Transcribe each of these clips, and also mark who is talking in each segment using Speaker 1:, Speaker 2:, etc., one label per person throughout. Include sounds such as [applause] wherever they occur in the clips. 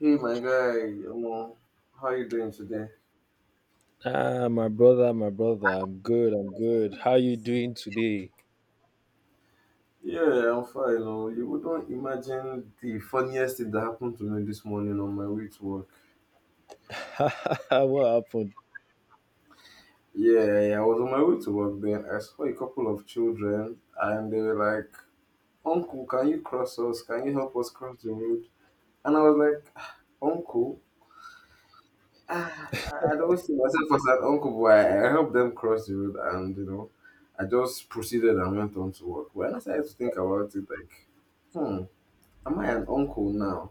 Speaker 1: Hey my guy, Omo, how you doing today?
Speaker 2: Ah, my brother, I'm good, I'm good. How you doing today?
Speaker 1: Yeah, I'm fine. Oh, you wouldn't imagine the funniest thing that happened to me this morning on my way to work.
Speaker 2: [laughs] What happened?
Speaker 1: Yeah, yeah, I was on my way to work then. I saw a couple of children and they were like, "Uncle, can you cross us? Can you help us cross the road?" And I was like, "Ah, Uncle? Ah, I don't see myself as an uncle," but I helped them cross the road and, you know, I just proceeded and went on to work. When I started to think about it, like, hmm. Am I an uncle now?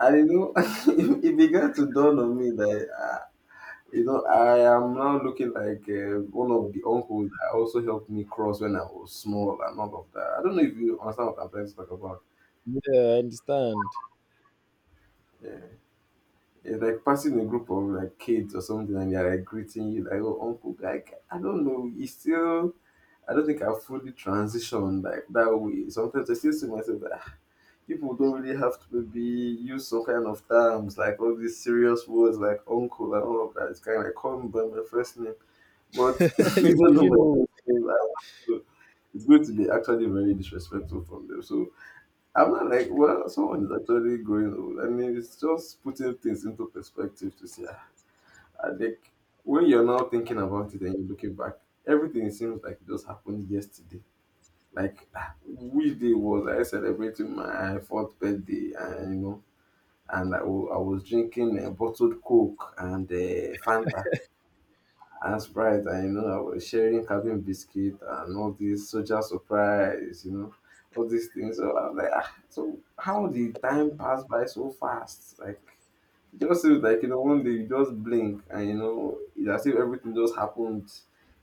Speaker 1: I didn't know. [laughs] It began to dawn on me that you know I am now looking like one of the uncles that also helped me cross when I was small and all of that. I don't know if you understand what I'm trying to talk about.
Speaker 2: Yeah, I understand.
Speaker 1: Yeah. It's like passing a group of like kids or something and they're like greeting you like, "Oh, uncle," like, I don't know, you still, I don't think I fully transitioned like that way. Sometimes I still see myself like people don't really have to maybe use some kind of terms like all these serious words like uncle and all of that. It's kind of like, call me by my first name, but [laughs]
Speaker 2: [laughs]
Speaker 1: they
Speaker 2: You
Speaker 1: don't know
Speaker 2: feeling
Speaker 1: my
Speaker 2: old?
Speaker 1: first name. To- It's going to be actually very disrespectful from them. So I'm not like, well, someone is actually growing old. I mean, it's just putting things into perspective to see. Ah, I think when you're now thinking about it and you're looking back, everything seems like it just happened yesterday. Like, ah, which day was I celebrating my fourth birthday and you know, and I was drinking bottled Coke and Fanta. And that's right, and you know, I was sharing cabin biscuit and all this social surprise, you know, all these things. So I'm like, ah, so how the time passed by so fast? Like, it just seems like, you know, one day you just blink and, you know, it's as if everything just happened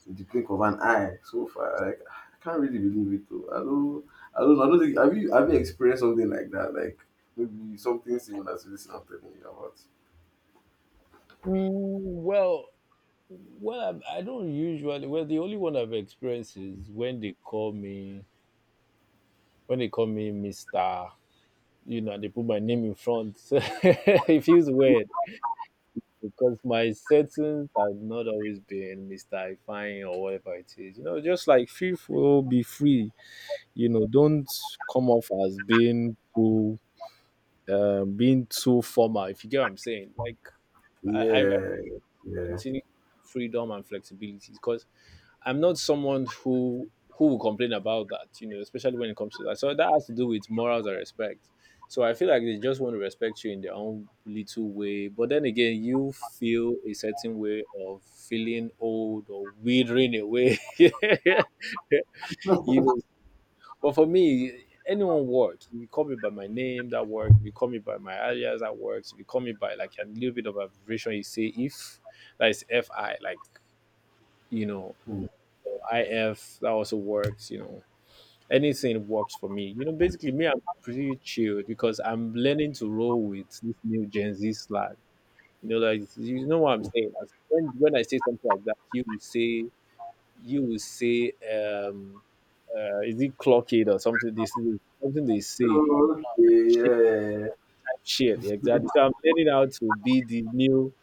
Speaker 1: in the blink of an eye so far. Like, ah, I can't really believe it. Though, I don't know. I don't think, have you experienced something like that? Like, maybe something similar to this I'm telling you about?
Speaker 2: Mm, well, well, I don't usually. Well, the only one I've experienced is when they call me, when they call me Mister. You know, they put my name in front. [laughs] So it feels weird because my settings have not always been Mister Fine or whatever it is. You know, just like free flow, be free. You know, don't come off as being too formal. If you get what I'm saying, like I
Speaker 1: Yeah. Yeah.
Speaker 2: continue freedom and flexibility because I'm not someone who will complain about that. You know, especially when it comes to that. So that has to do with morals and respect. So I feel like they just want to respect you in their own little way, but then again, you feel a certain way of feeling old or withering away. [laughs] You know. But for me, anyone works. If you call me by my name, that works. If you call me by my alias, that works. If you call me by like a little bit of abbreviation, you say if, that is FI, like, you know,
Speaker 1: Hmm.
Speaker 2: or IF, that also works, you know. Anything works for me. You know, basically, me, I'm pretty chilled because I'm learning to roll with this new Gen Z slang. You know, like, you know what I'm saying? When I say something like that, you will say, is it clockade or something? This something they say.
Speaker 1: Okay, yeah.
Speaker 2: Shit, exactly. So I'm learning how to be the new,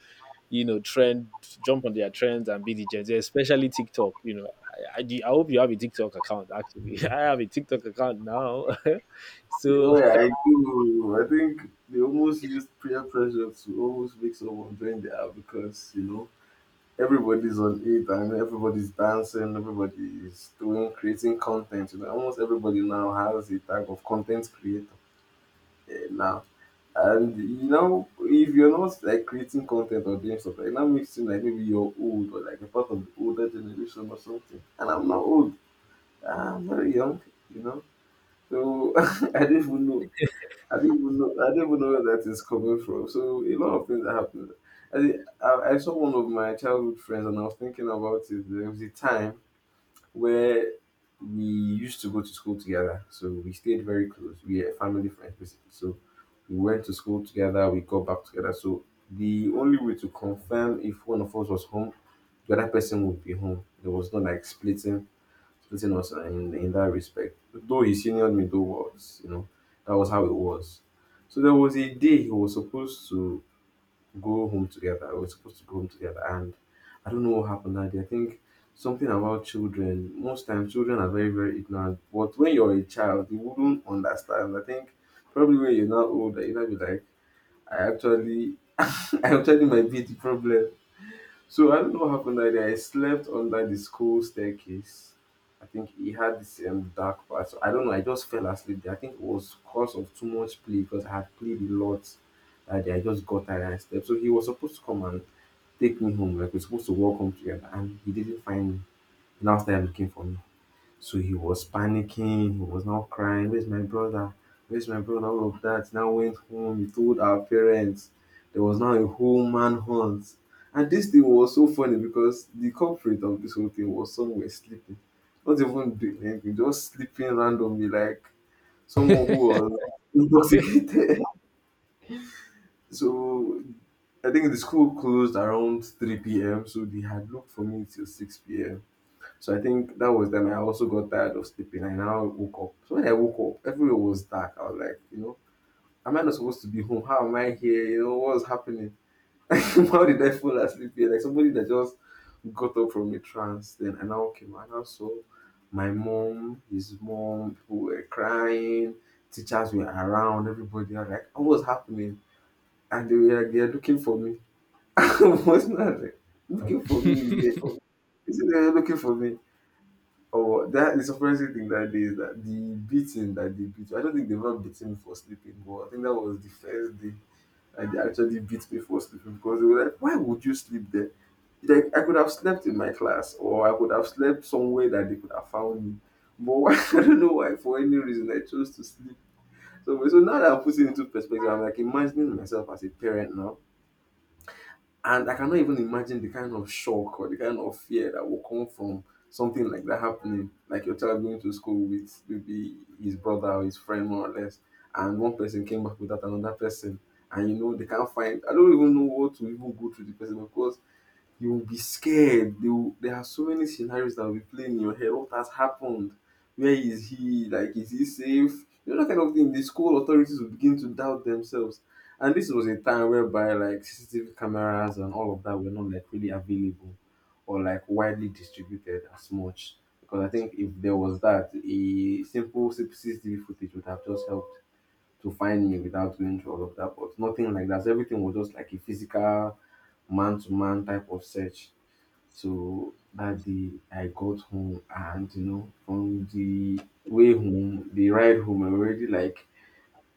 Speaker 2: you know, trend, jump on their trends and be the Gen Z, especially TikTok. You know, I hope you have a TikTok account, actually. [laughs] I have a TikTok account now. [laughs] So
Speaker 1: Yeah, I do. I think they almost used peer pressure to almost make someone join the app because, you know, everybody's on it and everybody's dancing, everybody's doing, creating content. You know, almost everybody now has a tag of content creator, eh, now. And, you know, if you're not like creating content or doing stuff, like, that makes you seem like maybe you're old or like a part of the older generation or something. And I'm not old, I'm very young, you know. So [laughs] I didn't even know. I didn't even know. I didn't even know where that is coming from. So a lot of things that happened. I saw one of my childhood friends, and I was thinking about it. There was a time where we used to go to school together, so we stayed very close. We are family friends, basically. So we went to school together. We got back together. So the only way to confirm if one of us was home, the other person would be home. There was no like splitting, splitting us, in that respect. Though he seniored me, though was, you know, that was how it was. So there was a day he was supposed to go home together. We were supposed to go home together, and I don't know what happened that day. I think something about children. Most times, children are very, very ignorant. But when you're a child, you wouldn't understand. I think probably when you're not older, you might be like, I actually, [laughs] I actually might be the problem. So I don't know what happened that day. I slept under the school staircase. I think he had this dark part. So I don't know. I just fell asleep there. I think it was cause of too much play because I had played a lot that day. I just got tired and I slept. So he was supposed to come and take me home. Like, we're supposed to walk home together, and he didn't find me. He now started looking for me. So he was panicking, he was now crying, "Where's my brother? Where's my brother?" All of that. Now went home, he told our parents. There was now a whole manhunt. And this thing was so funny because the culprit of this whole thing was somewhere sleeping. Not even doing anything, just sleeping randomly, like someone who was intoxicated. [laughs] So I think the school closed around 3 p.m. So they had looked for me till 6 p.m. So I think that was then I also got tired of sleeping. I now woke up. So when I woke up, everywhere was dark. I was like, you know, am I not supposed to be home? How am I here? You know, what's happening? [laughs] How did I fall asleep here? Like somebody that just got up from a trance. Then I now came out. I now saw my mom, his mom, people were crying, teachers were around, everybody. I was like, "Oh, what's happening?" And they were like, they are looking for me. [laughs] What's not like, looking for me. Yeah. They said they are looking for me. Or that the surprising thing that day is that the beating that they beat. I don't think they've ever beaten me for sleeping, but I think that was the first day that they actually beat me for sleeping because they were like, "Why would you sleep there?" Like I could have slept in my class, or I could have slept somewhere that they could have found me. But why, [laughs] I don't know why, for any reason, I chose to sleep. So now that I put it into perspective, I'm like imagining myself as a parent now. And I cannot even imagine the kind of shock or the kind of fear that will come from something like that happening. Like your child going to school with maybe his brother or his friend, more or less, and one person came back without another person, and you know they can't find. I don't even know what to even go through the person because you will be scared. They will, there are so many scenarios that will be playing in your head. What has happened? Where is he? Like, is he safe? You know, that kind of thing. The school authorities will begin to doubt themselves. And this was a time whereby, like, CCTV cameras and all of that were not, like, really available or, like, widely distributed as much. Because I think if there was that, a simple CCTV footage would have just helped to find me without going through all of that. But nothing like that. So everything was just like a physical man to man type of search. So that day I got home and you know, from the way home, the ride home, I already like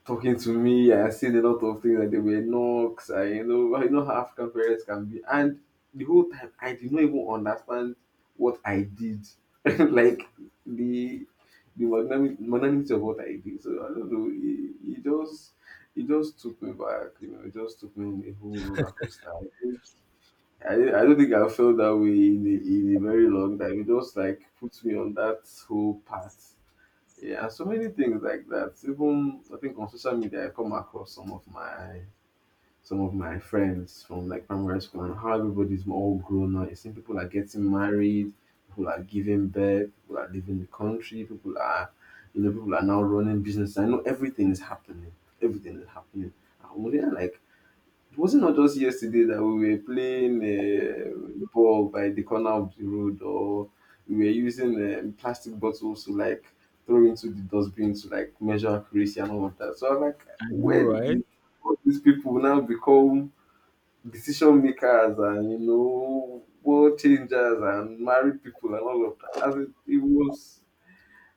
Speaker 1: talking to me. I said a lot of things like they were knocks. I, you know, you know how African parents can be. And the whole time I did not even understand what I did. [laughs] Like the magnanimity of what I did. So I don't know. It just it just took me back. You know, it just took me on a whole roller coaster. I don't think I felt that way in in a very long time. It just like puts me on that whole path. Yeah, so many things like that. Even I think on social media, I come across some of my friends from like primary school and how everybody's all grown up. You see, people are getting married, people are giving birth, people are leaving the country, people are, you know, people are now running business. I know everything is happening. Everything is happening. I'm like, was it not just yesterday that we were playing ball by the corner of the road, or we were using plastic bottles to like throw into the dustbin to like measure accuracy and all of that? So I'm like,
Speaker 2: I know,
Speaker 1: where
Speaker 2: right?
Speaker 1: did all these people now become decision makers and you know world changers and married people and all of that? It was,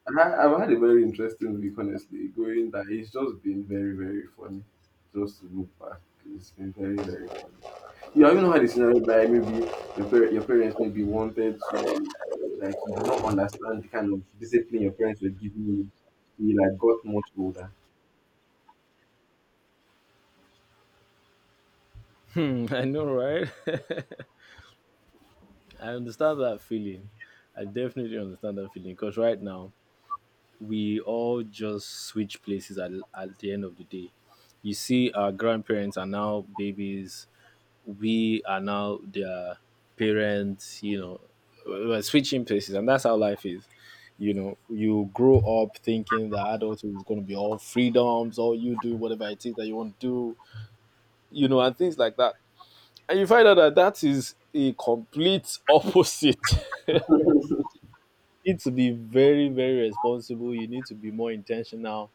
Speaker 1: I've had a very interesting week, honestly. Going that it's just been very very funny, just to look back. It's been very very funny. You have even had a scenario where maybe your parents maybe wanted to, like, you did not understand the kind of discipline your parents were giving you. You, like, got much older.
Speaker 2: Hmm, [laughs] I know, right? [laughs] I understand that feeling. I definitely understand that feeling because right now we all just switch places at the end of the day. You see, our grandparents are now babies, we are now their parents, you know, we're switching places, and that's how life is. You know, you grow up thinking that adulthood is going to be all freedoms, all you do, whatever it is that you want to do, you know, and things like that. And you find out that that is a complete opposite. [laughs] You need to be very, very responsible. You need to be more intentional.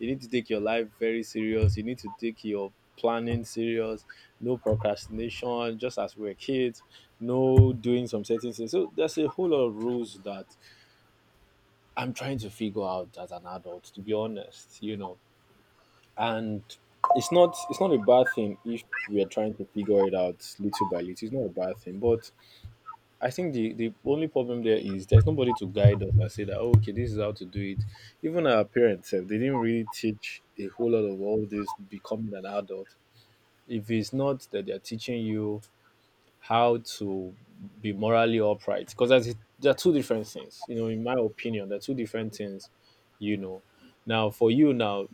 Speaker 2: You need to take your life very serious. You need to take your planning serious. No procrastination, just as we were kids. No doing some certain things. So there's a whole lot of rules that I'm trying to figure out as an adult. To be honest, you know, and it's not a bad thing if we are trying to figure it out little by little. It's not a bad thing, but I think the only problem there is there's nobody to guide us and say that, "Oh, okay, this is how to do it." Even our parents, sef, they didn't really teach a whole lot of all this becoming an adult. If it's not that they're teaching you how to be morally upright, because that's there are two different things. You know, in my opinion, they're two different things. You know, now for you now,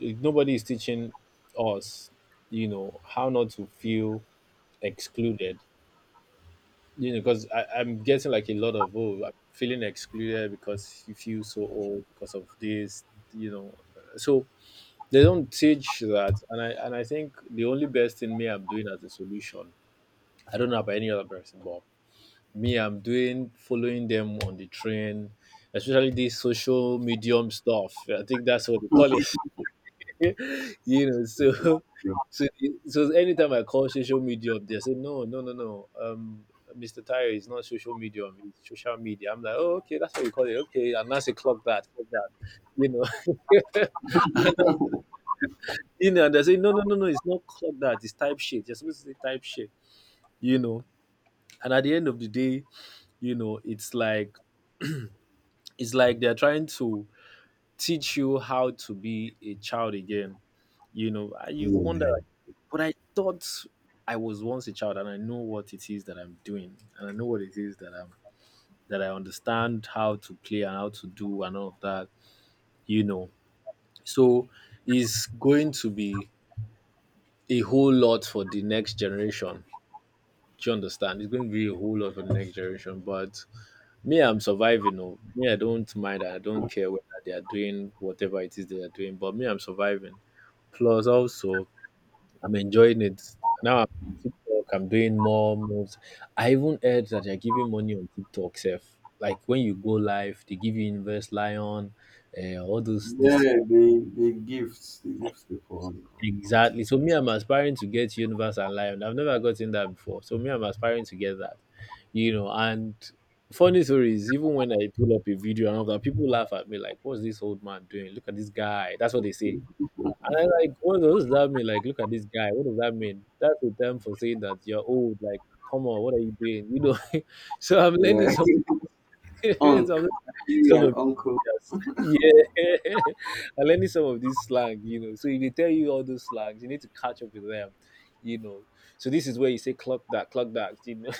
Speaker 2: eh, nobody is teaching us. You know how not to feel excluded, you know, because I'm getting like a lot of oh, I'm feeling excluded because you feel so old because of this, you know. So they don't teach that, and I think the only best thing me I'm doing as a solution. I don't know about any other person, but me I'm doing following them on the train, especially this social medium stuff. I think that's what they call. [laughs] You know,
Speaker 1: It's just your-
Speaker 2: so so anytime I call social media up, they say no, no, no, no. Mr. Tyre is not social media, it's social media. I'm like, oh, okay, that's what you call it. Okay, and that's a clock that, you know. [laughs] And you know, and they say no, no, no, no, it's not clock that, it's type shit. You're supposed to say type shit, you know. And at the end of the day, you know, it's like they're trying to teach you how to be a child again. You know. And you wonder. But I thought I was once a child and I know what it is that I'm doing and I know what it is that I'm that I understand how to play and how to do and all of that, you know. So it's going to be a whole lot for the next generation. Do you understand? It's going to be a whole lot for the next generation. But me, I'm surviving. Oh, me, I don't mind. I don't care whether they are doing whatever it is they are doing. But me, I'm surviving. Plus, also, I'm enjoying it. Now I'm on TikTok, I'm doing more moves. I even heard that they're giving money on TikTok self. Like when you go live, they give you universe Lion, all those this
Speaker 1: Yeah, the the gifts before on, on
Speaker 2: exactly.
Speaker 1: TikTok.
Speaker 2: So me, I'm aspiring to get Universe and Lion. I've never gotten that before. So me, I'm aspiring to get that. You know, and funny story is even when I pull up a video and all that, people laugh at me like, "What's this old man doing? Look at this guy." That's what they say. And I like, what does that mean? Like, look at this guy. What does that mean? That's a term for saying that you're old. Like, come on, what are you doing? You know. [laughs] So I'm learning
Speaker 1: Yeah.
Speaker 2: some
Speaker 1: [laughs]
Speaker 2: [laughs]
Speaker 1: Unk,
Speaker 2: some,
Speaker 1: actually
Speaker 2: some
Speaker 1: an
Speaker 2: of
Speaker 1: uncle.
Speaker 2: yes, [laughs] yeah. [laughs] I'm learning some of this slang. You know. So if they tell you all those slangs, you need to catch up with them. You know. So this is where you say clock that, clock that. You know.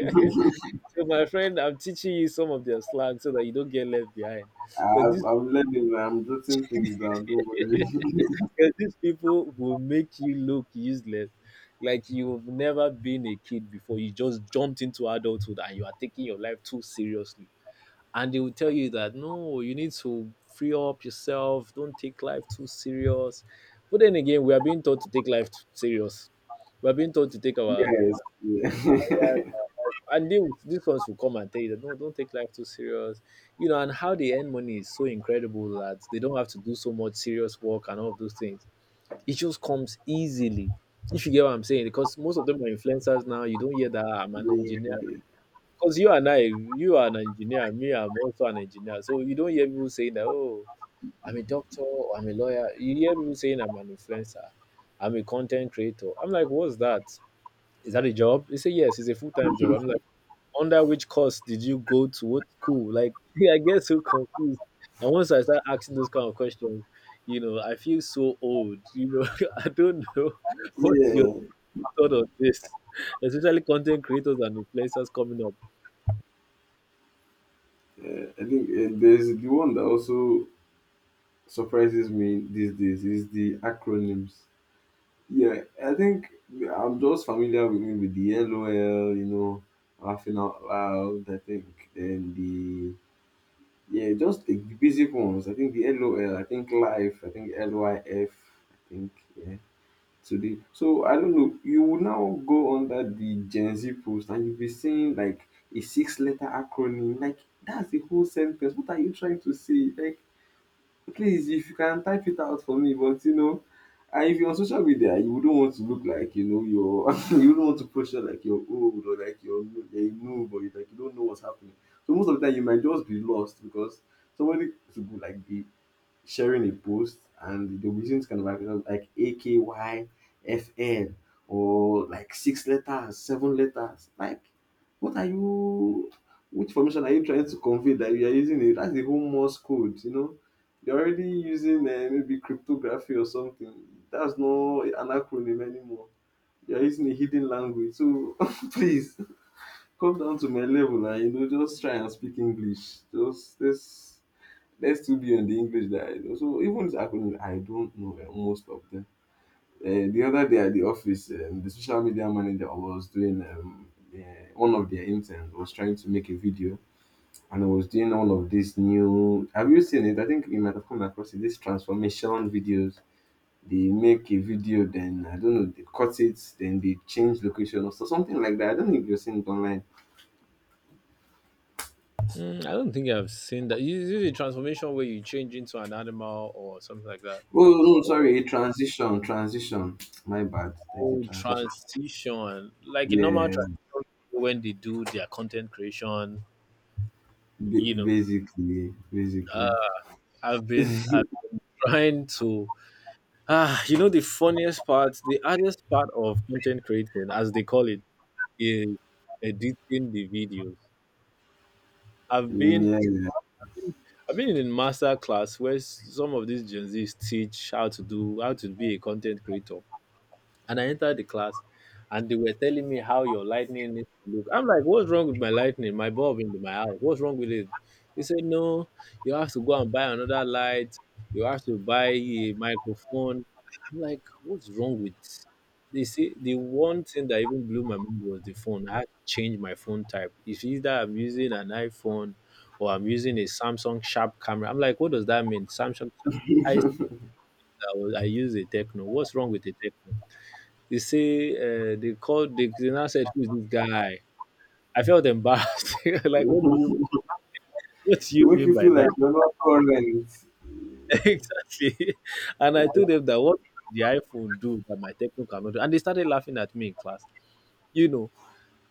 Speaker 1: [laughs]
Speaker 2: [laughs] So my friend, I'm teaching you some of their slang so that you don't get left behind. Because this.
Speaker 1: I've learning. I'm jotting things down. Don't
Speaker 2: [laughs]
Speaker 1: worry.
Speaker 2: Because these people will make you look useless, like you've never been a kid before. You just jumped into adulthood and you are taking your life too seriously. And they will tell you that no, you need to free up yourself. Don't take life too serious. But then again, we are being taught to take life too serious. We are being taught to take
Speaker 1: [laughs]
Speaker 2: our,
Speaker 1: Yes. Yeah. [laughs]
Speaker 2: and these ones will come and tell you that no, don't take life too serious. You know, and how they earn money is so incredible that they don't have to do so much serious work and all of those things. It just comes easily. If you get what I'm saying, because most of them are influencers now. You don't hear that, "Ah, I'm an engineer."
Speaker 1: Yeah.
Speaker 2: Because you and I, you are an engineer, me, I'm also an engineer. So you don't hear people saying that, oh, I'm a doctor or I'm a lawyer. You hear people saying I'm an influencer, I'm a content creator. I'm like, what's that? Is that a job? They say yes, it's a full time job. I'm like, under which course did you go to? What school? Like, [laughs] I get so confused. And once I start asking those kind of questions, you know, I feel so old. You know, [laughs] I don't know. [laughs] What's your
Speaker 1: Yeah,
Speaker 2: thought on this, especially content creators and influencers coming up?
Speaker 1: I think there's the one that also surprises me these days is the acronyms. Yeah, I think I'm just familiar with me with the LOL, you know, laughing out loud, I think, and just the basic ones. I think the LOL, I think life, I think LYF, I think, yeah. Today. So I don't know, you will now go under the Gen Z post and you'll be seeing like a six letter acronym. Like, that's the whole sentence. What are you trying to say? Like, please, if you can type it out for me, but you know, and if you're on social media, you wouldn't want to look like you know you're [laughs] you wouldn't want to posture like you're old or like you're no- you're a noob, you like you don't know what's happening. So most of the time you might just be lost because somebody to go like be sharing a post and they'll be using this kind of acronym like AKYFN or like six letters, seven letters. Like, what are you, which information are you trying to convey that you are using it? That's the whole Morse code, you know? You're already using maybe cryptography or something. That's not an acronym anymore. You're using a hidden language. So [laughs] please come down to my level and, you know, just try and speak English. Just this Let's still be on the English that I know. So even these acronyms, I don't know eh, most of them. The other day at the office, the social media manager was doing one of their interns was trying to make a video, and I was doing all of this new. Have you seen it? I think you might have come across it. These transformation videos. They make a video, then I don't know, they cut it, then they change location or something like that. I don't know if you've seen it online.
Speaker 2: Mm, I don't think I've seen that. Is it a transformation where you change into an animal or something like that?
Speaker 1: Oh no, sorry, a transition, transition. My bad. There's a
Speaker 2: Oh,
Speaker 1: transition.
Speaker 2: transition. Like a normal
Speaker 1: Yeah,
Speaker 2: transition when they do their content creation, you know. Uh,
Speaker 1: Basically.
Speaker 2: I've been trying to. Ah, you know the funniest part, the hardest part of content creating, as they call it, is editing the videos. I've
Speaker 1: Mm.
Speaker 2: been
Speaker 1: Yeah,
Speaker 2: I've been in a master class where some of these Gen Zs teach how to be a content creator. And I entered the class and they were telling me how your lightning needs to look. I'm like, what's wrong with my lightning? My bulb in my house. What's wrong with it? He said, no, you have to go and buy another light. You have to buy a microphone. I'm like, what's wrong with they see. The one thing that even blew my mind was the phone. I had to change my phone type. It's either I'm using an iPhone or I'm using a Samsung Sharp camera. I'm like, what does that mean? Samsung Sharp. I, I use a Techno. What's wrong with the Techno? They say they called. They now said, "Who's this guy?" I felt embarrassed. [laughs] Like,
Speaker 1: it
Speaker 2: what do
Speaker 1: [laughs]
Speaker 2: you
Speaker 1: make
Speaker 2: mean
Speaker 1: you
Speaker 2: by
Speaker 1: feel
Speaker 2: that?
Speaker 1: like you're not current.
Speaker 2: [laughs] Exactly. And I told them that what can the iPhone do that my techno cannot do, and they started laughing at me in class. You know.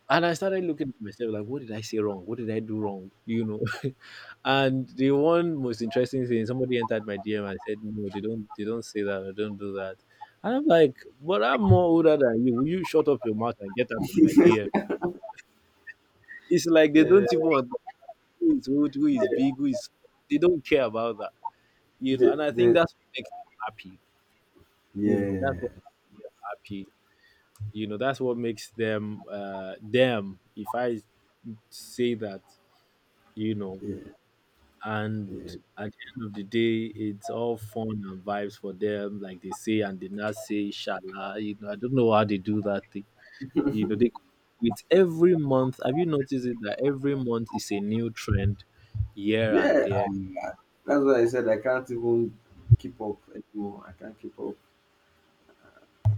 Speaker 2: And I started looking at myself like, what did I say wrong? What did I do wrong? [laughs] And the one most interesting thing, somebody entered my DM and said, "No, they don't say that. They don't do that." And I'm like, "But I'm more older than you. Will you shut up your mouth and get out of my DM?"
Speaker 1: [laughs]
Speaker 2: It's like they
Speaker 1: Yeah,
Speaker 2: don't even understand who is old, who is big, who is they don't care about that. You know,
Speaker 1: the,
Speaker 2: and I think
Speaker 1: the,
Speaker 2: that's what makes them happy. You know, that's
Speaker 1: yeah,
Speaker 2: what happy. You know, that's what makes them them, if I say that, you know,
Speaker 1: yeah,
Speaker 2: and
Speaker 1: yeah.
Speaker 2: at the end of the day it's all fun and vibes for them, like they say and they not say shala, you know, I don't know how they do that thing. You know, they With every month, have you noticed it that every month is a new trend here and
Speaker 1: Yeah
Speaker 2: there.
Speaker 1: that's why I said I can't even keep up anymore. I can't keep up.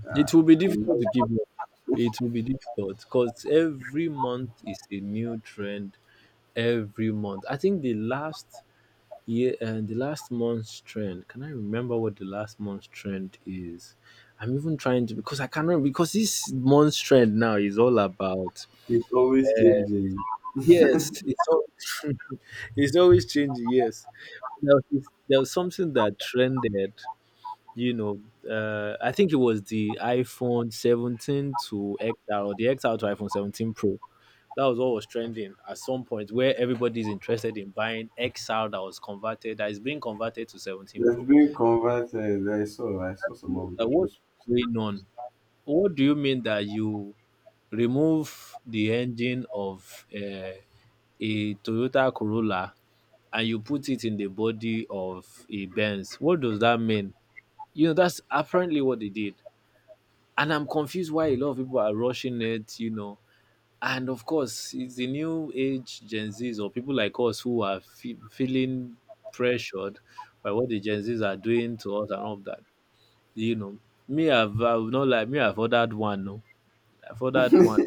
Speaker 1: Uh,
Speaker 2: It will be
Speaker 1: and
Speaker 2: difficult to keep up. It will be difficult because every month is a new trend. Every month, I think the last year and the last month's trend. Can I remember what the last month's trend is? I'm even trying to because I cannot, because this month's trend now is all about.
Speaker 1: it's always
Speaker 2: Uh,
Speaker 1: changing.
Speaker 2: yes, it's always [laughs] it's always changing. Yes, there was, there was something that trended you know, I think it was the iPhone 17 to XR or the XR to iPhone 17 Pro. That was what was trending at some point where everybody's interested in buying XR that was converted, that is being converted to 17
Speaker 1: There's
Speaker 2: Pro.
Speaker 1: been converted. I saw some of
Speaker 2: What's
Speaker 1: those.
Speaker 2: going on? What do you mean that you remove the engine of a Toyota Corolla and you put it in the body of a Benz? What does that mean? You know, that's apparently what they did. And I'm confused why a lot of people are rushing it, you know. And of course, it's the new age Gen Zs or people like us who are feeling pressured by what the Gen Zs are doing to us and all of that. You know, me, I've not like me, I've ordered one. No, I've ordered one.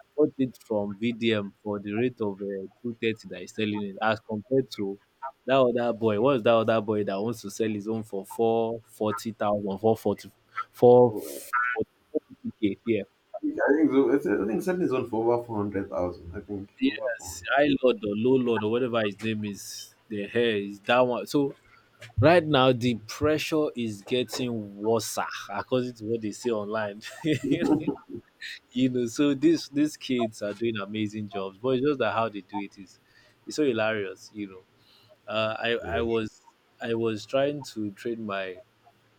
Speaker 2: I bought it from VDM for the rate of 230 that is selling it as compared to that other boy. What's that other boy that wants to sell his own for 440,000, 440,
Speaker 1: Oh,
Speaker 2: k. Yeah.
Speaker 1: I think so. I think something's on for over 400,000. I think over four
Speaker 2: Yes, I Lord or Low Lord or whatever his name is, the hair is that one. So right now the pressure is getting worse, according to what they say online.
Speaker 1: hundred. [laughs]
Speaker 2: [laughs] You know, so these kids are doing amazing jobs, but it's just that how they do it is it's so hilarious. You know, uh, I I
Speaker 1: Yeah.
Speaker 2: was I was trying to train my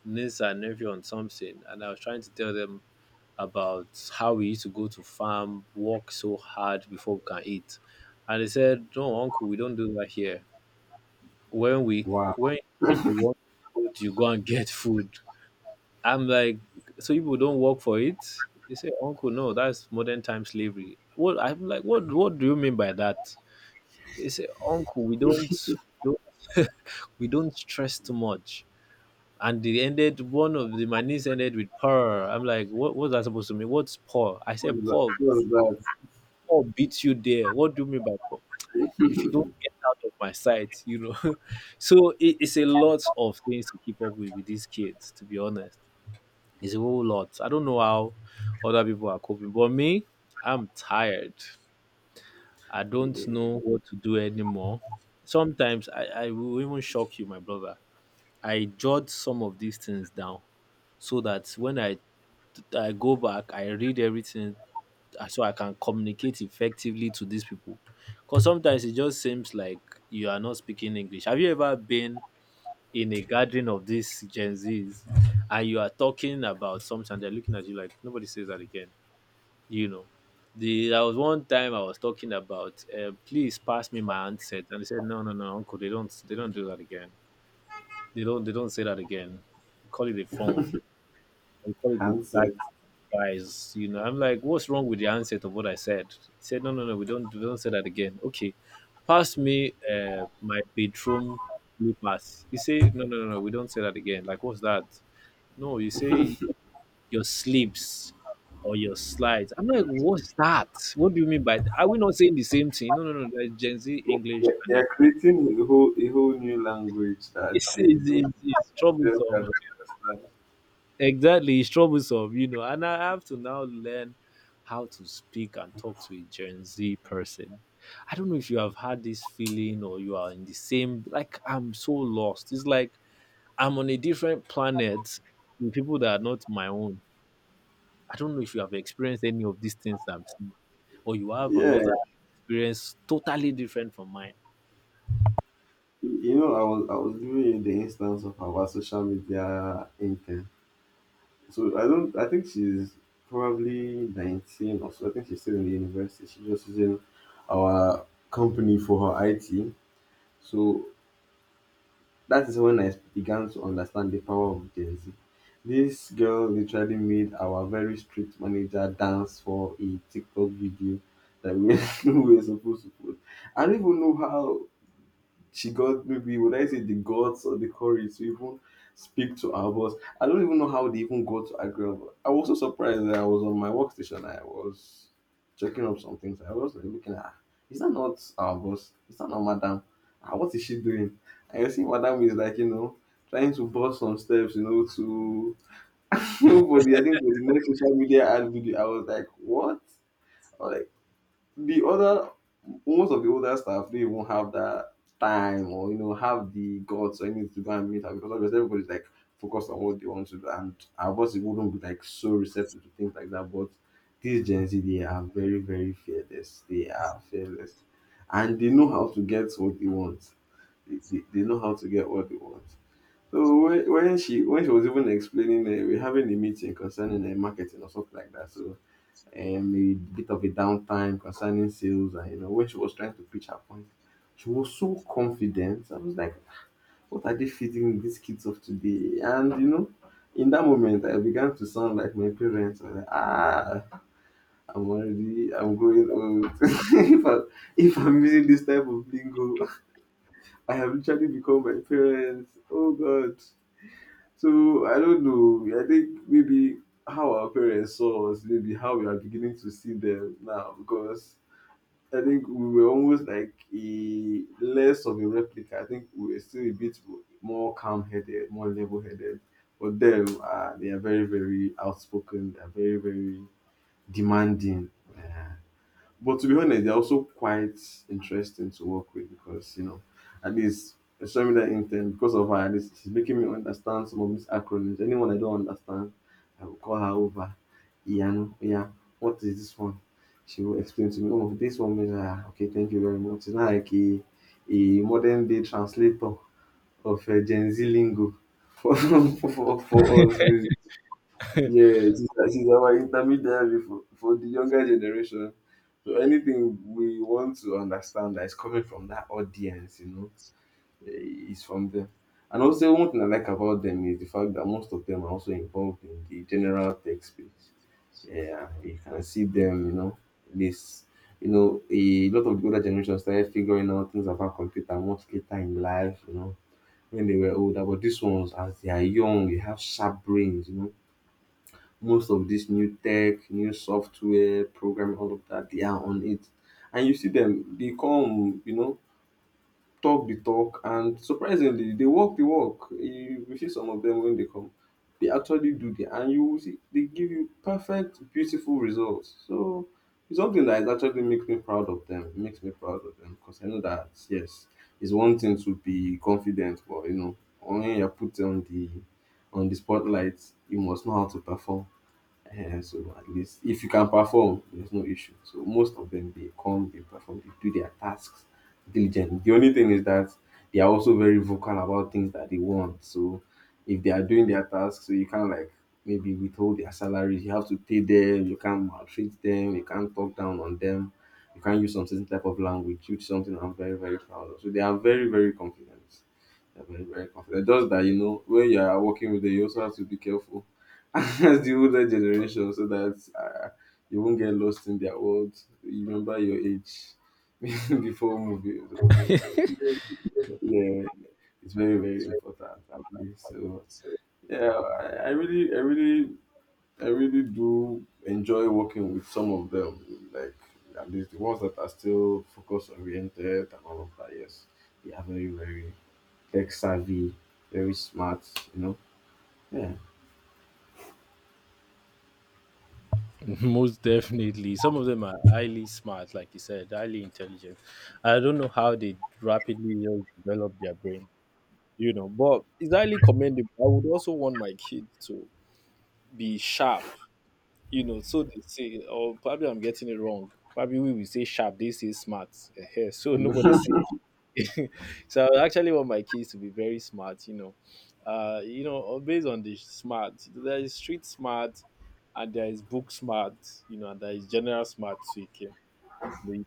Speaker 2: niece and nephew on something, and I was trying to tell them about how we used to go to farm, work so hard before we can eat, and they said, "No, uncle, we don't do that here. When we
Speaker 1: Wow.
Speaker 2: when when you want food, you go and get food." I'm like, "So people don't work for it?" They say, "Uncle, no, that's modern time slavery." What, I'm like, what do you mean by that? They say, "Uncle, we don't don't we don't stress too much." And they ended, one of the, my niece ended with poor. I'm like, what was that supposed to mean? What's poor? I
Speaker 1: What
Speaker 2: said poor,
Speaker 1: was that
Speaker 2: poor beats you there. What do you mean by poor? If you don't get out of my sight, you know. [laughs] So it's a lot of things to keep up with these kids. To be honest, it's a whole lot. I don't know how other people are coping, but me, I'm tired. I don't know what to do anymore. Sometimes I will even shock you, my brother. I jot some of these things down so that when I go back, I read everything so I can communicate effectively to these people. Because sometimes it just seems like you are not speaking English. Have you ever been in a gathering of these Gen Zs and you are talking about something and they're looking at you like, nobody says that again? You know, there was one time I was talking about, please pass me my handset. And they said, no, no, no, uncle, they don't do that again. They don't say that again. We call it a phone. We call it a gadget,
Speaker 1: handset?
Speaker 2: guys, you know. I'm like, what's wrong with the handset of what I said? He said, no, no, no, we don't say that again. Okay, pass me my bedroom slippers. He said, no, no, no, no, we don't say that again. Like, what's that? No, you say your slips or your slides. I'm like, what's that? What do you mean by that? Are we not saying the same thing? No, no, no, there's Gen Z English
Speaker 1: They're
Speaker 2: and
Speaker 1: they're
Speaker 2: then
Speaker 1: creating a whole a whole new language that they don't
Speaker 2: it's
Speaker 1: themselves
Speaker 2: troublesome.
Speaker 1: cannot understand.
Speaker 2: Exactly, it's troublesome, you know. And I have to now learn how to speak and talk to a Gen Z person. I don't know if you have had this feeling or you are in the same, like, I'm so lost. It's like I'm on a different planet with people that are not my own. I don't know if you have experienced any of these things I'm seeing, or you have
Speaker 1: Yeah,
Speaker 2: another experience totally different from mine.
Speaker 1: you know, I was giving you the instance of our social media intern. So I don't. I think she's probably 19 or so. I think she's still in the university. She's just using our company for her IT. So that is when I began to understand the power of Gen Z. This girl literally made our very strict manager dance for a TikTok video that we [laughs] we were supposed to put. I don't even know how she got, maybe would I say the guts or the courage, to even speak to our boss. I don't even know how they even got to agree. I was so surprised that I was on my workstation. I was checking up some things. I was like looking at, "Ah, is that not our boss? Is that not madam? Ah, what is she doing?" And you see, madam is like, you know, trying to bust some steps, you know, to [laughs] for the, I think for the next social media ad video. I was like, what? I was like, the other most of the older staff, they won't have that time or, you know, have the guts or anything to go and meet her because obviously everybody's like focused on what they want to do, and our bosses wouldn't be like so receptive to things like that. But these Gen Z, they are very very fearless, they are fearless, and they know how to get what they want. They know how to get what they want. So when she was even explaining, we're having a meeting concerning marketing or something like that, so a bit of a downtime concerning sales. And you know, when she was trying to pitch her point, she was so confident. I was like, what are they feeding these kids of today? And you know, in that moment I began to sound like my parents. I was like, ah, I'm growing old. [laughs] if, I, if I'm using this type of lingo, I have literally become my parents. Oh, God. So I don't know, I think maybe how our parents saw us, maybe how we are beginning to see them now. Because I think we were almost like a less of a replica. I think we were still a bit more calm headed, more level headed. But them, they are very, very outspoken. They are very, very demanding. Uh, but to be honest, they're also quite interesting to work with because, you know, at least it's showing me that intent because of her. At least she's making me understand some of these acronyms. Anyone I don't understand, I will call her over. Ian, yeah, what is this one? She will explain to me. Oh, this one means, ah, okay, thank you very much. It's not like a modern day translator of Gen Z lingo [laughs] for for us. Yes, she's our intermediary for the younger generation. So anything we want to understand that is coming from that audience, you know, eh, is from them. And also one thing I like about them is the fact that most of them are also involved in the general tech space. Yeah, you can see them, you know, this, you know, a lot of the older generation started figuring out things about computer much later in life, you know, when they were older. But these ones, as they are young, they have sharp brains, you know, most of this new tech, new software, programming, all of that, they are on it. And you see them, they come, you know, talk the talk, and surprisingly, they walk the walk. You see some of them when they come, they actually do the, and you will see they give you perfect, beautiful results. So it's something that is actually makes me proud of them. Makes me proud of them because I know that yes, it's one thing to be confident, but you know, when you are put on the spotlight, you must know how to perform, so at least if you can perform, there's no issue. So most of them, they come, they perform, they do their tasks diligently. The only thing is that they are also very vocal about things that they want. So if they are doing their tasks, so you can't like maybe withhold their salaries. You have to pay them. You can't maltreat them. You can't talk down on them. You can't use some certain type of language, which is something I'm very very proud of. So they are very very confident. They're very, very confident. Just that, you know, when you are working with them, you also have to be careful [laughs] as the older generation, so that you won't get lost in their world. You remember your age [laughs] before moving. So, yeah, it's very, very important, actually. So, yeah, I really do enjoy working with some of them. Like, at least the ones that are still focus oriented and all of that. Yes, they are very, very tech savvy, very smart, you know. Yeah.
Speaker 2: [laughs] Most definitely. Some of them are highly smart, like you said, highly intelligent. I don't know how they rapidly just develop their brain, you know, but it's highly commendable. I would also want my kids to be sharp, you know, so they say, or probably I'm getting it wrong. Probably we will say sharp, they say smart. Ehen, so nobody say
Speaker 1: [laughs]
Speaker 2: [laughs] so I actually want my kids to be very smart, you know. You know, or based on the smart, there is street smart, and there is book smart, you know, and there is general smart. So you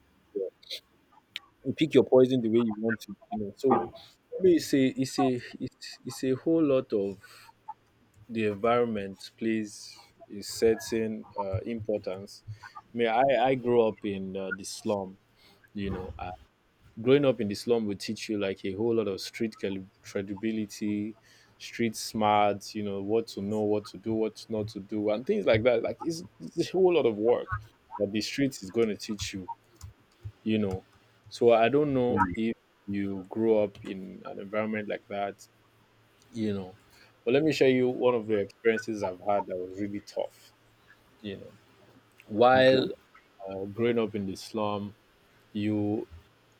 Speaker 2: you pick your poison the way you want to, you know. So maybe it's a whole lot of the environment plays a certain importance. I mean, I grew up in the slum, you know. Growing up in the slum will teach you like a whole lot of street credibility, street smarts, you know what to know, what to do, what not to do, and things like that. Like it's a whole lot of work that the streets is going to teach you, you know. So I don't know
Speaker 1: Hmm.
Speaker 2: if you grew up in an environment like that, you know. But let me share you one of the experiences I've had that was really tough, you know, while
Speaker 1: Okay.
Speaker 2: growing up in the slum, you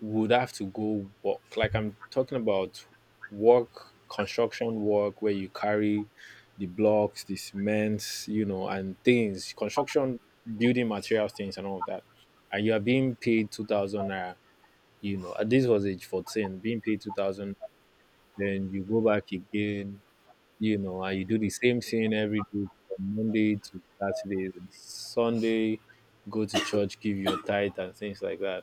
Speaker 2: would have to go work. Like I'm talking about work, construction work, where you carry the blocks, the cements, you know, and things, construction, building materials, things, and all of that. And you are being paid 2,000 naira, you know, at this was age 14, being paid 2,000. Then you go back again, you know, and you do the same thing every day from Monday to Saturday, and Sunday, go to church, give your tithe, and things like that.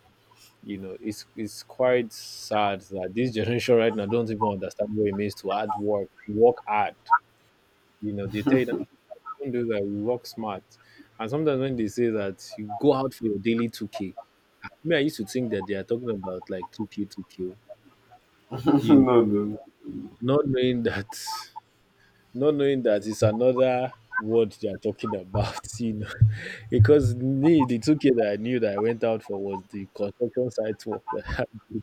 Speaker 2: You know, it's quite sad that this generation right now don't even understand what it means to hard work, to work hard. You know, they tell you that, "We don't do that, we work smart." And sometimes when they say that you go out for your daily 2k, me, I used to think that they are talking about like 2k, 2k,
Speaker 1: [laughs] No,
Speaker 2: you know,
Speaker 1: no, no.
Speaker 2: not knowing [laughs] that, not knowing that it's another word they are talking about. [laughs] You know, because me, the 2k that I knew that I went out for was the construction site work that I did.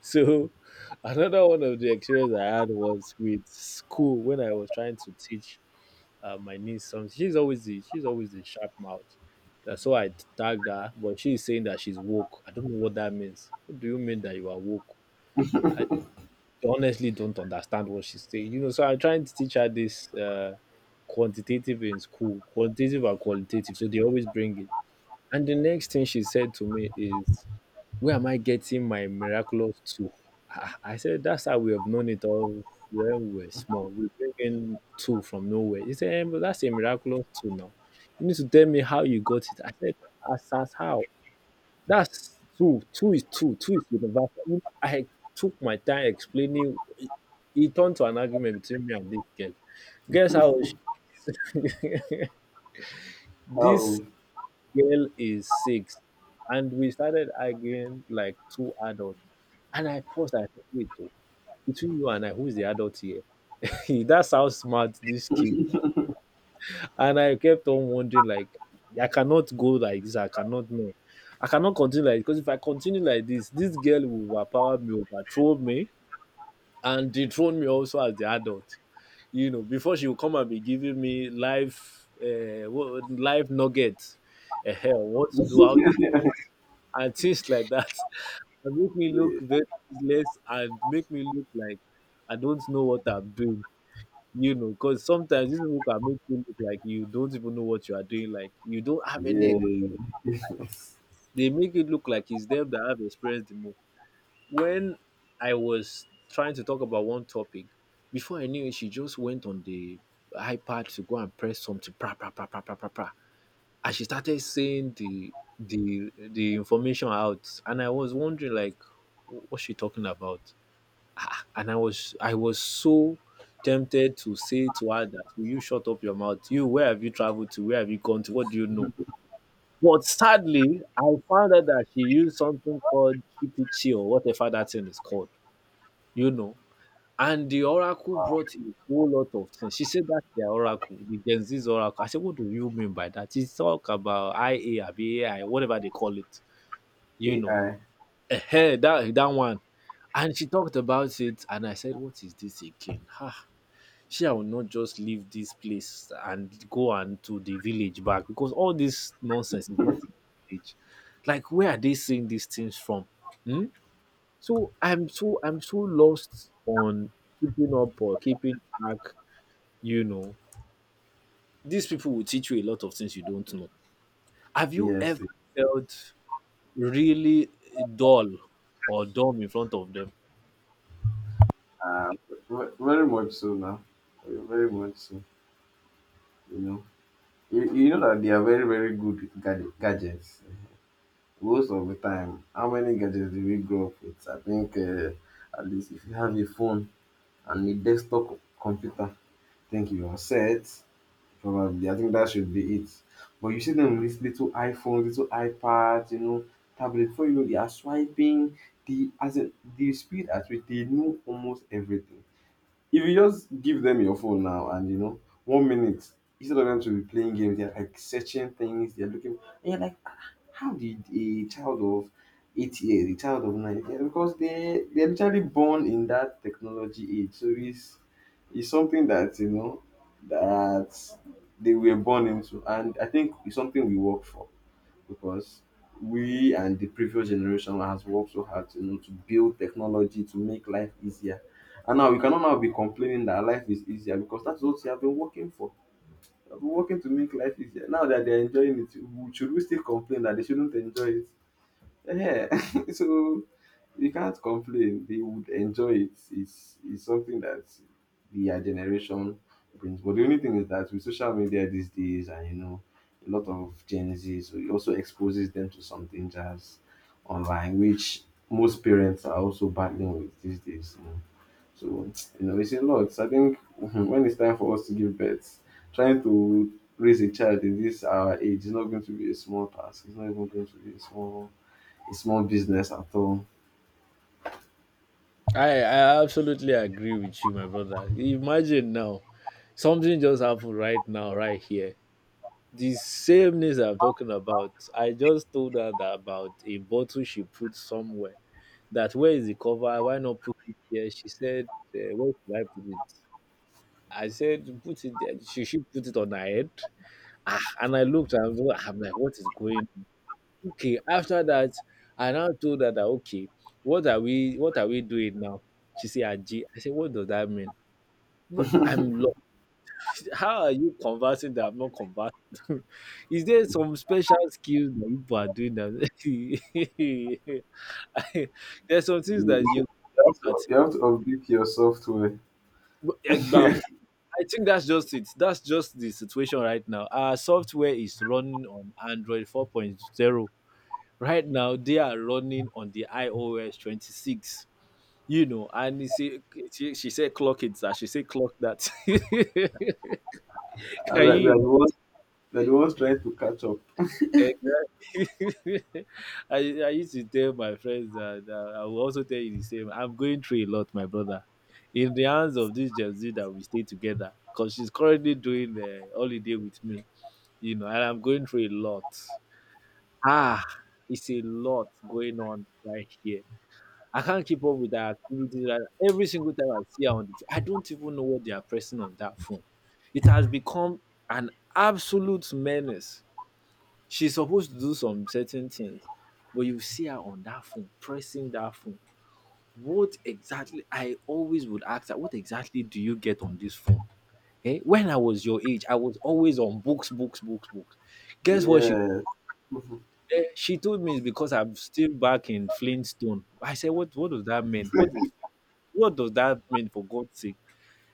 Speaker 2: So [laughs] another one of the experience I had was with school when I was trying to teach my niece something. She's always the sharp mouth. That's why I tagged her, but she's saying that she's woke. I don't know what that means. What do you mean that you are woke? I honestly don't understand what she's saying. You know, so I'm trying to teach her this quantitative in school, quantitative and qualitative. So they always bring it. And the next thing she said to me is, where am I getting my miraculous tool? Ah, I said, that's how we have known it all when we were small. We bring in tool from nowhere. He said, "Em, that's a miraculous tool now. You need to tell me how you got it." I said, as how? That's two. Two is two. Two is universal. I took my time explaining. It turned to an argument between me and this girl. Guess how? she- [laughs] this
Speaker 1: How?
Speaker 2: girl is six, and we started arguing like two adults. And I paused. I said, "Wait, oh, between you and I, who is the adult here? [laughs] That's how smart these kids." And I kept on wondering, like, I cannot go like this. I cannot know. I cannot continue like this, because if I continue like this girl will overpower me, overthrow me, and dethrone me also as the adult. You know, before she will come and be giving me life nuggets, uh, what to do, how,
Speaker 1: [laughs]
Speaker 2: and things like that, [laughs] and make me look very useless, and make me look like I don't know what I'm doing. You know, because sometimes these people can make you look like you don't even know what you are doing. Like you don't have any.
Speaker 1: Yeah.
Speaker 2: They make it look like it's them that have experienced the most. When I was trying to talk about one topic, before I knew it, she just went on the iPad to go and press something. Pra pra pra pra pra pra pra. And she started saying the information out, and I was wondering, like, what's she talking about? Ah, and I was so tempted to say to her that, will you shut up your mouth? You, where have you traveled to? Where have you gone to? What do you know? But sadly, I found out that she used something called gpt or whatever that thing is called, you know. And the oracle brought a whole lot of things. She said that's their oracle, the Gen Z's oracle. I said, what do you mean by that? It's talk about IA, abi AI, whatever they call it, you know.
Speaker 1: AI.
Speaker 2: Eh? That that one. And she talked about it, and I said, what is this again? Ah, she will not just leave this place and go and to the village back, because all this nonsense is not in the village. Like, where are they seeing these things from? Hmm? So I'm so lost on keeping up or keeping track, you know. These people will teach you a lot of things you don't know. Have you ever
Speaker 1: Yes.
Speaker 2: felt really dull or dumb in front of them?
Speaker 1: Very much so now. Very much so. You know. You know that they are very very good with gadgets. Most of the time, how many gadgets do we grow up with? I think at least if you have a phone and a desktop computer, I think you are set. Probably. I think that should be it. But you see them with little iPhones, little iPads, you know, tablet. Before you know, they are swiping. The as in, the speed at which they know almost everything. If you just give them your phone now, and you know, 1 minute instead of them to be playing games, they're like searching things, they're looking, and you're like, "Ah, how did a child of 8 years, a child of 9 years?" Because they they're literally born in that technology age, so it's something that you know that they were born into. And I think it's something we work for, because we and the previous generation has worked so hard to, you know, to build technology to make life easier. And now we cannot now be complaining that life is easier, because that's what we have been working for. We have been working to make life easier. Now that they're enjoying it, should we still complain that they shouldn't enjoy it? Yeah. [laughs] So you can't complain. They would enjoy it. It's something that their generation brings. But the only thing is that with social media these days, and you know, a lot of Gen Z, so it also exposes them to something just online, which most parents are also battling with these days. You know. So you know, it's a lot. I think [laughs] mhm, when it's time for us to give birth, trying to raise a child in this our age is not going to be a small task. It's not even going to be a small small business at all.
Speaker 2: I absolutely agree with you, my brother. Imagine now, something just happened right now, right here. The sameness I'm talking about, I just told her that about a bottle she put somewhere. That, where is the cover? Why not put it here? She said, where should I put it? I said, put it there. She should put it on her head. Ah, and I looked and I'm like, what is going on? Okay, after that, I now told her that, okay, what are we doing now? She said, Aji. I said, what does that mean? But I'm lost. How are you conversing that I'm not conversing? [laughs] Is there some special skills that people are doing that? [laughs] There's some things
Speaker 1: You,
Speaker 2: that you
Speaker 1: you you have to update your software.
Speaker 2: at bam. I think that's just it. That's just the situation right now. Our software is running on Android 4.0. Right now, they are running on the iOS 26. You know, and you see, she said clock it, sir. She said clock that. [laughs] Can
Speaker 1: And we are
Speaker 2: you
Speaker 1: the ones, we are the ones trying to catch up.
Speaker 2: imagine? Exactly. [laughs] I used to tell my friends that, I will also tell you the same. I'm going through a lot, my brother. In the hands of this Gen Z that we stay together, because she's currently doing the holiday with me. You know, and I'm going through a lot. Ah, it's a lot going on right here. I can't keep up with the activities. Like, every single time I see her on the phone, I don't even know what they are pressing on that phone. It has become an absolute menace. She's supposed to do some certain things, but you see her on that phone, pressing that phone. What exactly? I always would ask her, what exactly do you get on this phone? Eh? When I was your age, I was always on books, books, books, books. Guess what she.
Speaker 1: Yeah. [laughs]
Speaker 2: Then she told me it's because I'm still back in Flintstone. I said, "What does that mean? What is, what does that mean, for God's sake?"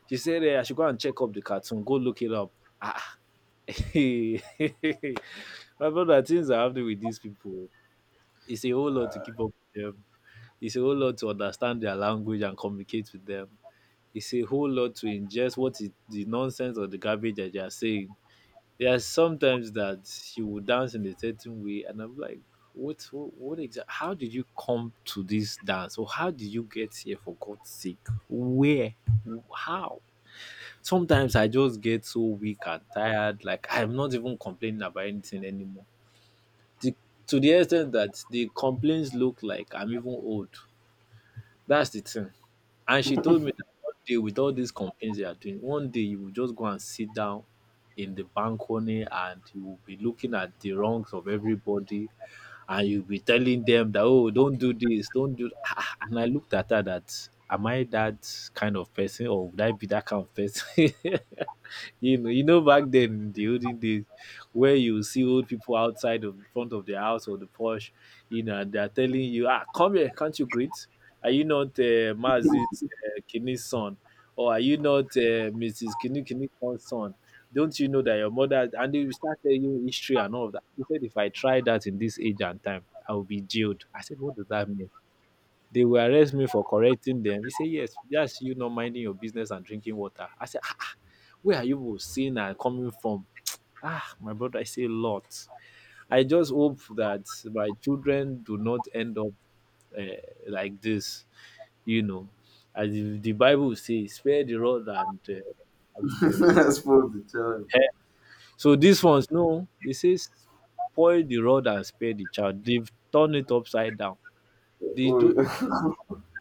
Speaker 2: She said, eh, "I should go and check up the cartoon. Go look it up." Ah, [laughs] my brother, things are happening with these people. It's a whole lot to keep up with them. It's a whole lot to understand their language and communicate with them. It's a whole lot to ingest what is the nonsense or the garbage that they are saying. There are sometimes that she will dance in a certain way, and I'm like, what exactly? How did you come to this dance, or how did you get here? For God's sake, where, how? Sometimes I just get so weak and tired. Like I'm not even complaining about anything anymore. The, to the extent that the complaints look like I'm even old. That's the thing. And she told me that one day, with all these campaigns they are doing, one day you will just go and sit down in the balcony and you will be looking at the wrongs of everybody, and you'll be telling them that, oh, don't do this, don't do, ah, ah." And I looked at her that, am I that kind of person, or would I be that kind of person? [laughs] You know, you know, back then in the olden days, where you see old people outside of the front of the house or the porch, you know, and they're telling you, ah, come here, can't you greet? Are you not, Mazi, Kini's son? Or are you not, Mrs. Kini Kini's son? Don't you know that your mother, and they will start telling you history and all of that. He said, if I try that in this age and time, I will be jailed. I said, what does that mean? They will arrest me for correcting them. He said, yes, that's you not minding your business and drinking water. I said, ah, ah, where are you both seeing and coming from? [tsk] Ah, my brother, I say a lot. I just hope that my children do not end up, uh, like this, you know, as if the Bible says, spare the rod and the
Speaker 1: I suppose the child.
Speaker 2: hair. So these ones, no, they say spoil the rod and spare the child. They've turned it upside down. They do
Speaker 1: Oh, [laughs]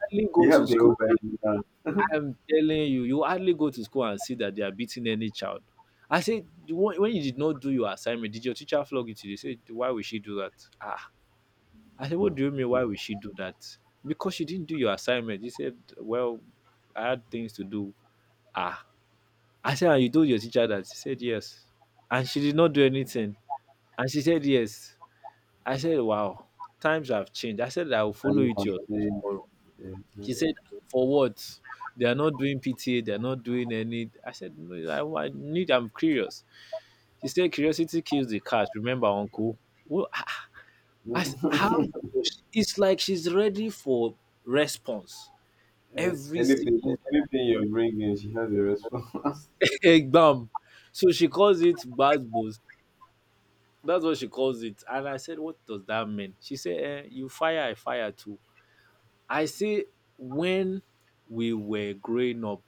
Speaker 2: hardly
Speaker 1: they
Speaker 2: go to
Speaker 1: have their own
Speaker 2: school.
Speaker 1: Bible
Speaker 2: I'm telling you, you hardly go to school and see that they are beating any child. I said, "The one, when you did not do your assignment, did your teacher flog you today?" They said, why would she do that? Ah, I said, what
Speaker 1: now.
Speaker 2: do you mean? Why would she do that? Because she didn't do your assignment. He said, well, I had things to do. Ah, I said, and you told your teacher that? She said, yes. And she did not do anything. And she said, yes. I said, wow, times have changed. I said, I will follow
Speaker 1: Bible
Speaker 2: you to your
Speaker 1: content,
Speaker 2: tomorrow.
Speaker 1: yeah.
Speaker 2: She said, for what? They are not doing PTA. They are not doing any. I said, no, I need, I'm curious. She said, curiosity kills the cat. Remember, uncle? Well, I how?
Speaker 1: Yeah. [laughs]
Speaker 2: It's like she's ready for response
Speaker 1: Eh,
Speaker 2: every
Speaker 1: anything,
Speaker 2: single
Speaker 1: anything you're bringing, she has a response.
Speaker 2: [laughs] exam. So she calls it bad boys. That's what she calls it. And I said, what does that mean? She said, eh, you fire, I fire too. I say, when we were growing up,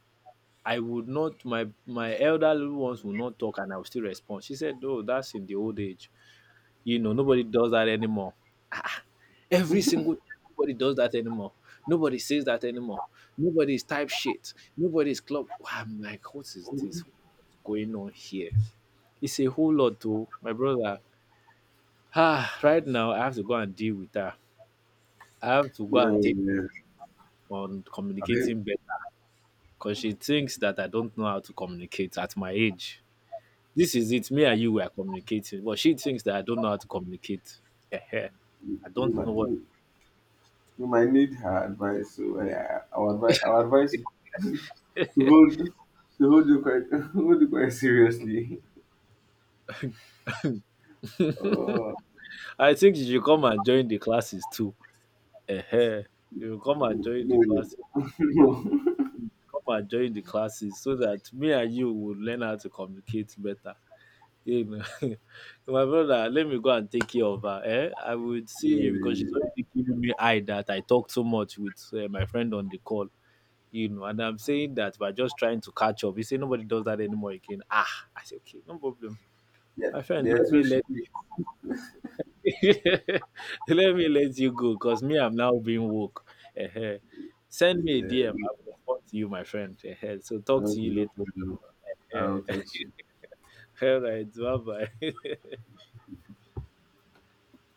Speaker 2: I would not, my elderly ones would not talk and I would still respond. She said, no, that's in the old age. You know, nobody does that anymore. Every single time, nobody does that anymore. Nobody says that anymore. Nobody's type shit. Nobody's clock. I'm like, what is this?
Speaker 1: [laughs]
Speaker 2: What's going on here? It's a whole lot, too, my brother. Ah, right now I have to go and deal with her. I have to go
Speaker 1: Yeah,
Speaker 2: and take
Speaker 1: yeah.
Speaker 2: on
Speaker 1: I
Speaker 2: communicating better, because she thinks that I don't know how to communicate at my age. This is it. Me and you were communicating, but she thinks that I don't know how to communicate. Ehe. I don't know what.
Speaker 1: mean, you might need her advice, so our advice is [laughs] to hold to hold you quite [laughs] hold you quite seriously. Oh
Speaker 2: I think you should come and join the classes too. Ehe. You should come and join the
Speaker 1: no, no,
Speaker 2: classes.
Speaker 1: [laughs] no,
Speaker 2: Come and join the classes so that me and you will learn how to communicate better. Amen. My [laughs] my brother, let me go and take care of her. Eh? I would see
Speaker 1: yeah,
Speaker 2: you because she's
Speaker 1: Yeah.
Speaker 2: already giving me eye that I talk too much with, my friend on the call. You know, and I'm saying that by just trying to catch up. You say nobody does that anymore again. Ah, I say okay, no problem.
Speaker 1: Yeah,
Speaker 2: My friend,
Speaker 1: they are
Speaker 2: let me
Speaker 1: too
Speaker 2: let
Speaker 1: strict.
Speaker 2: [laughs] let me let you go, because me, I'm now being woke. Eh-heh. Send me a DM.
Speaker 1: Yeah,
Speaker 2: I will respond to you, my friend. Eh-heh. So talk to
Speaker 1: okay,
Speaker 2: you
Speaker 1: no problem.
Speaker 2: later.
Speaker 1: I'll
Speaker 2: Eh,
Speaker 1: text you.
Speaker 2: [laughs] all right, bye bye. [laughs]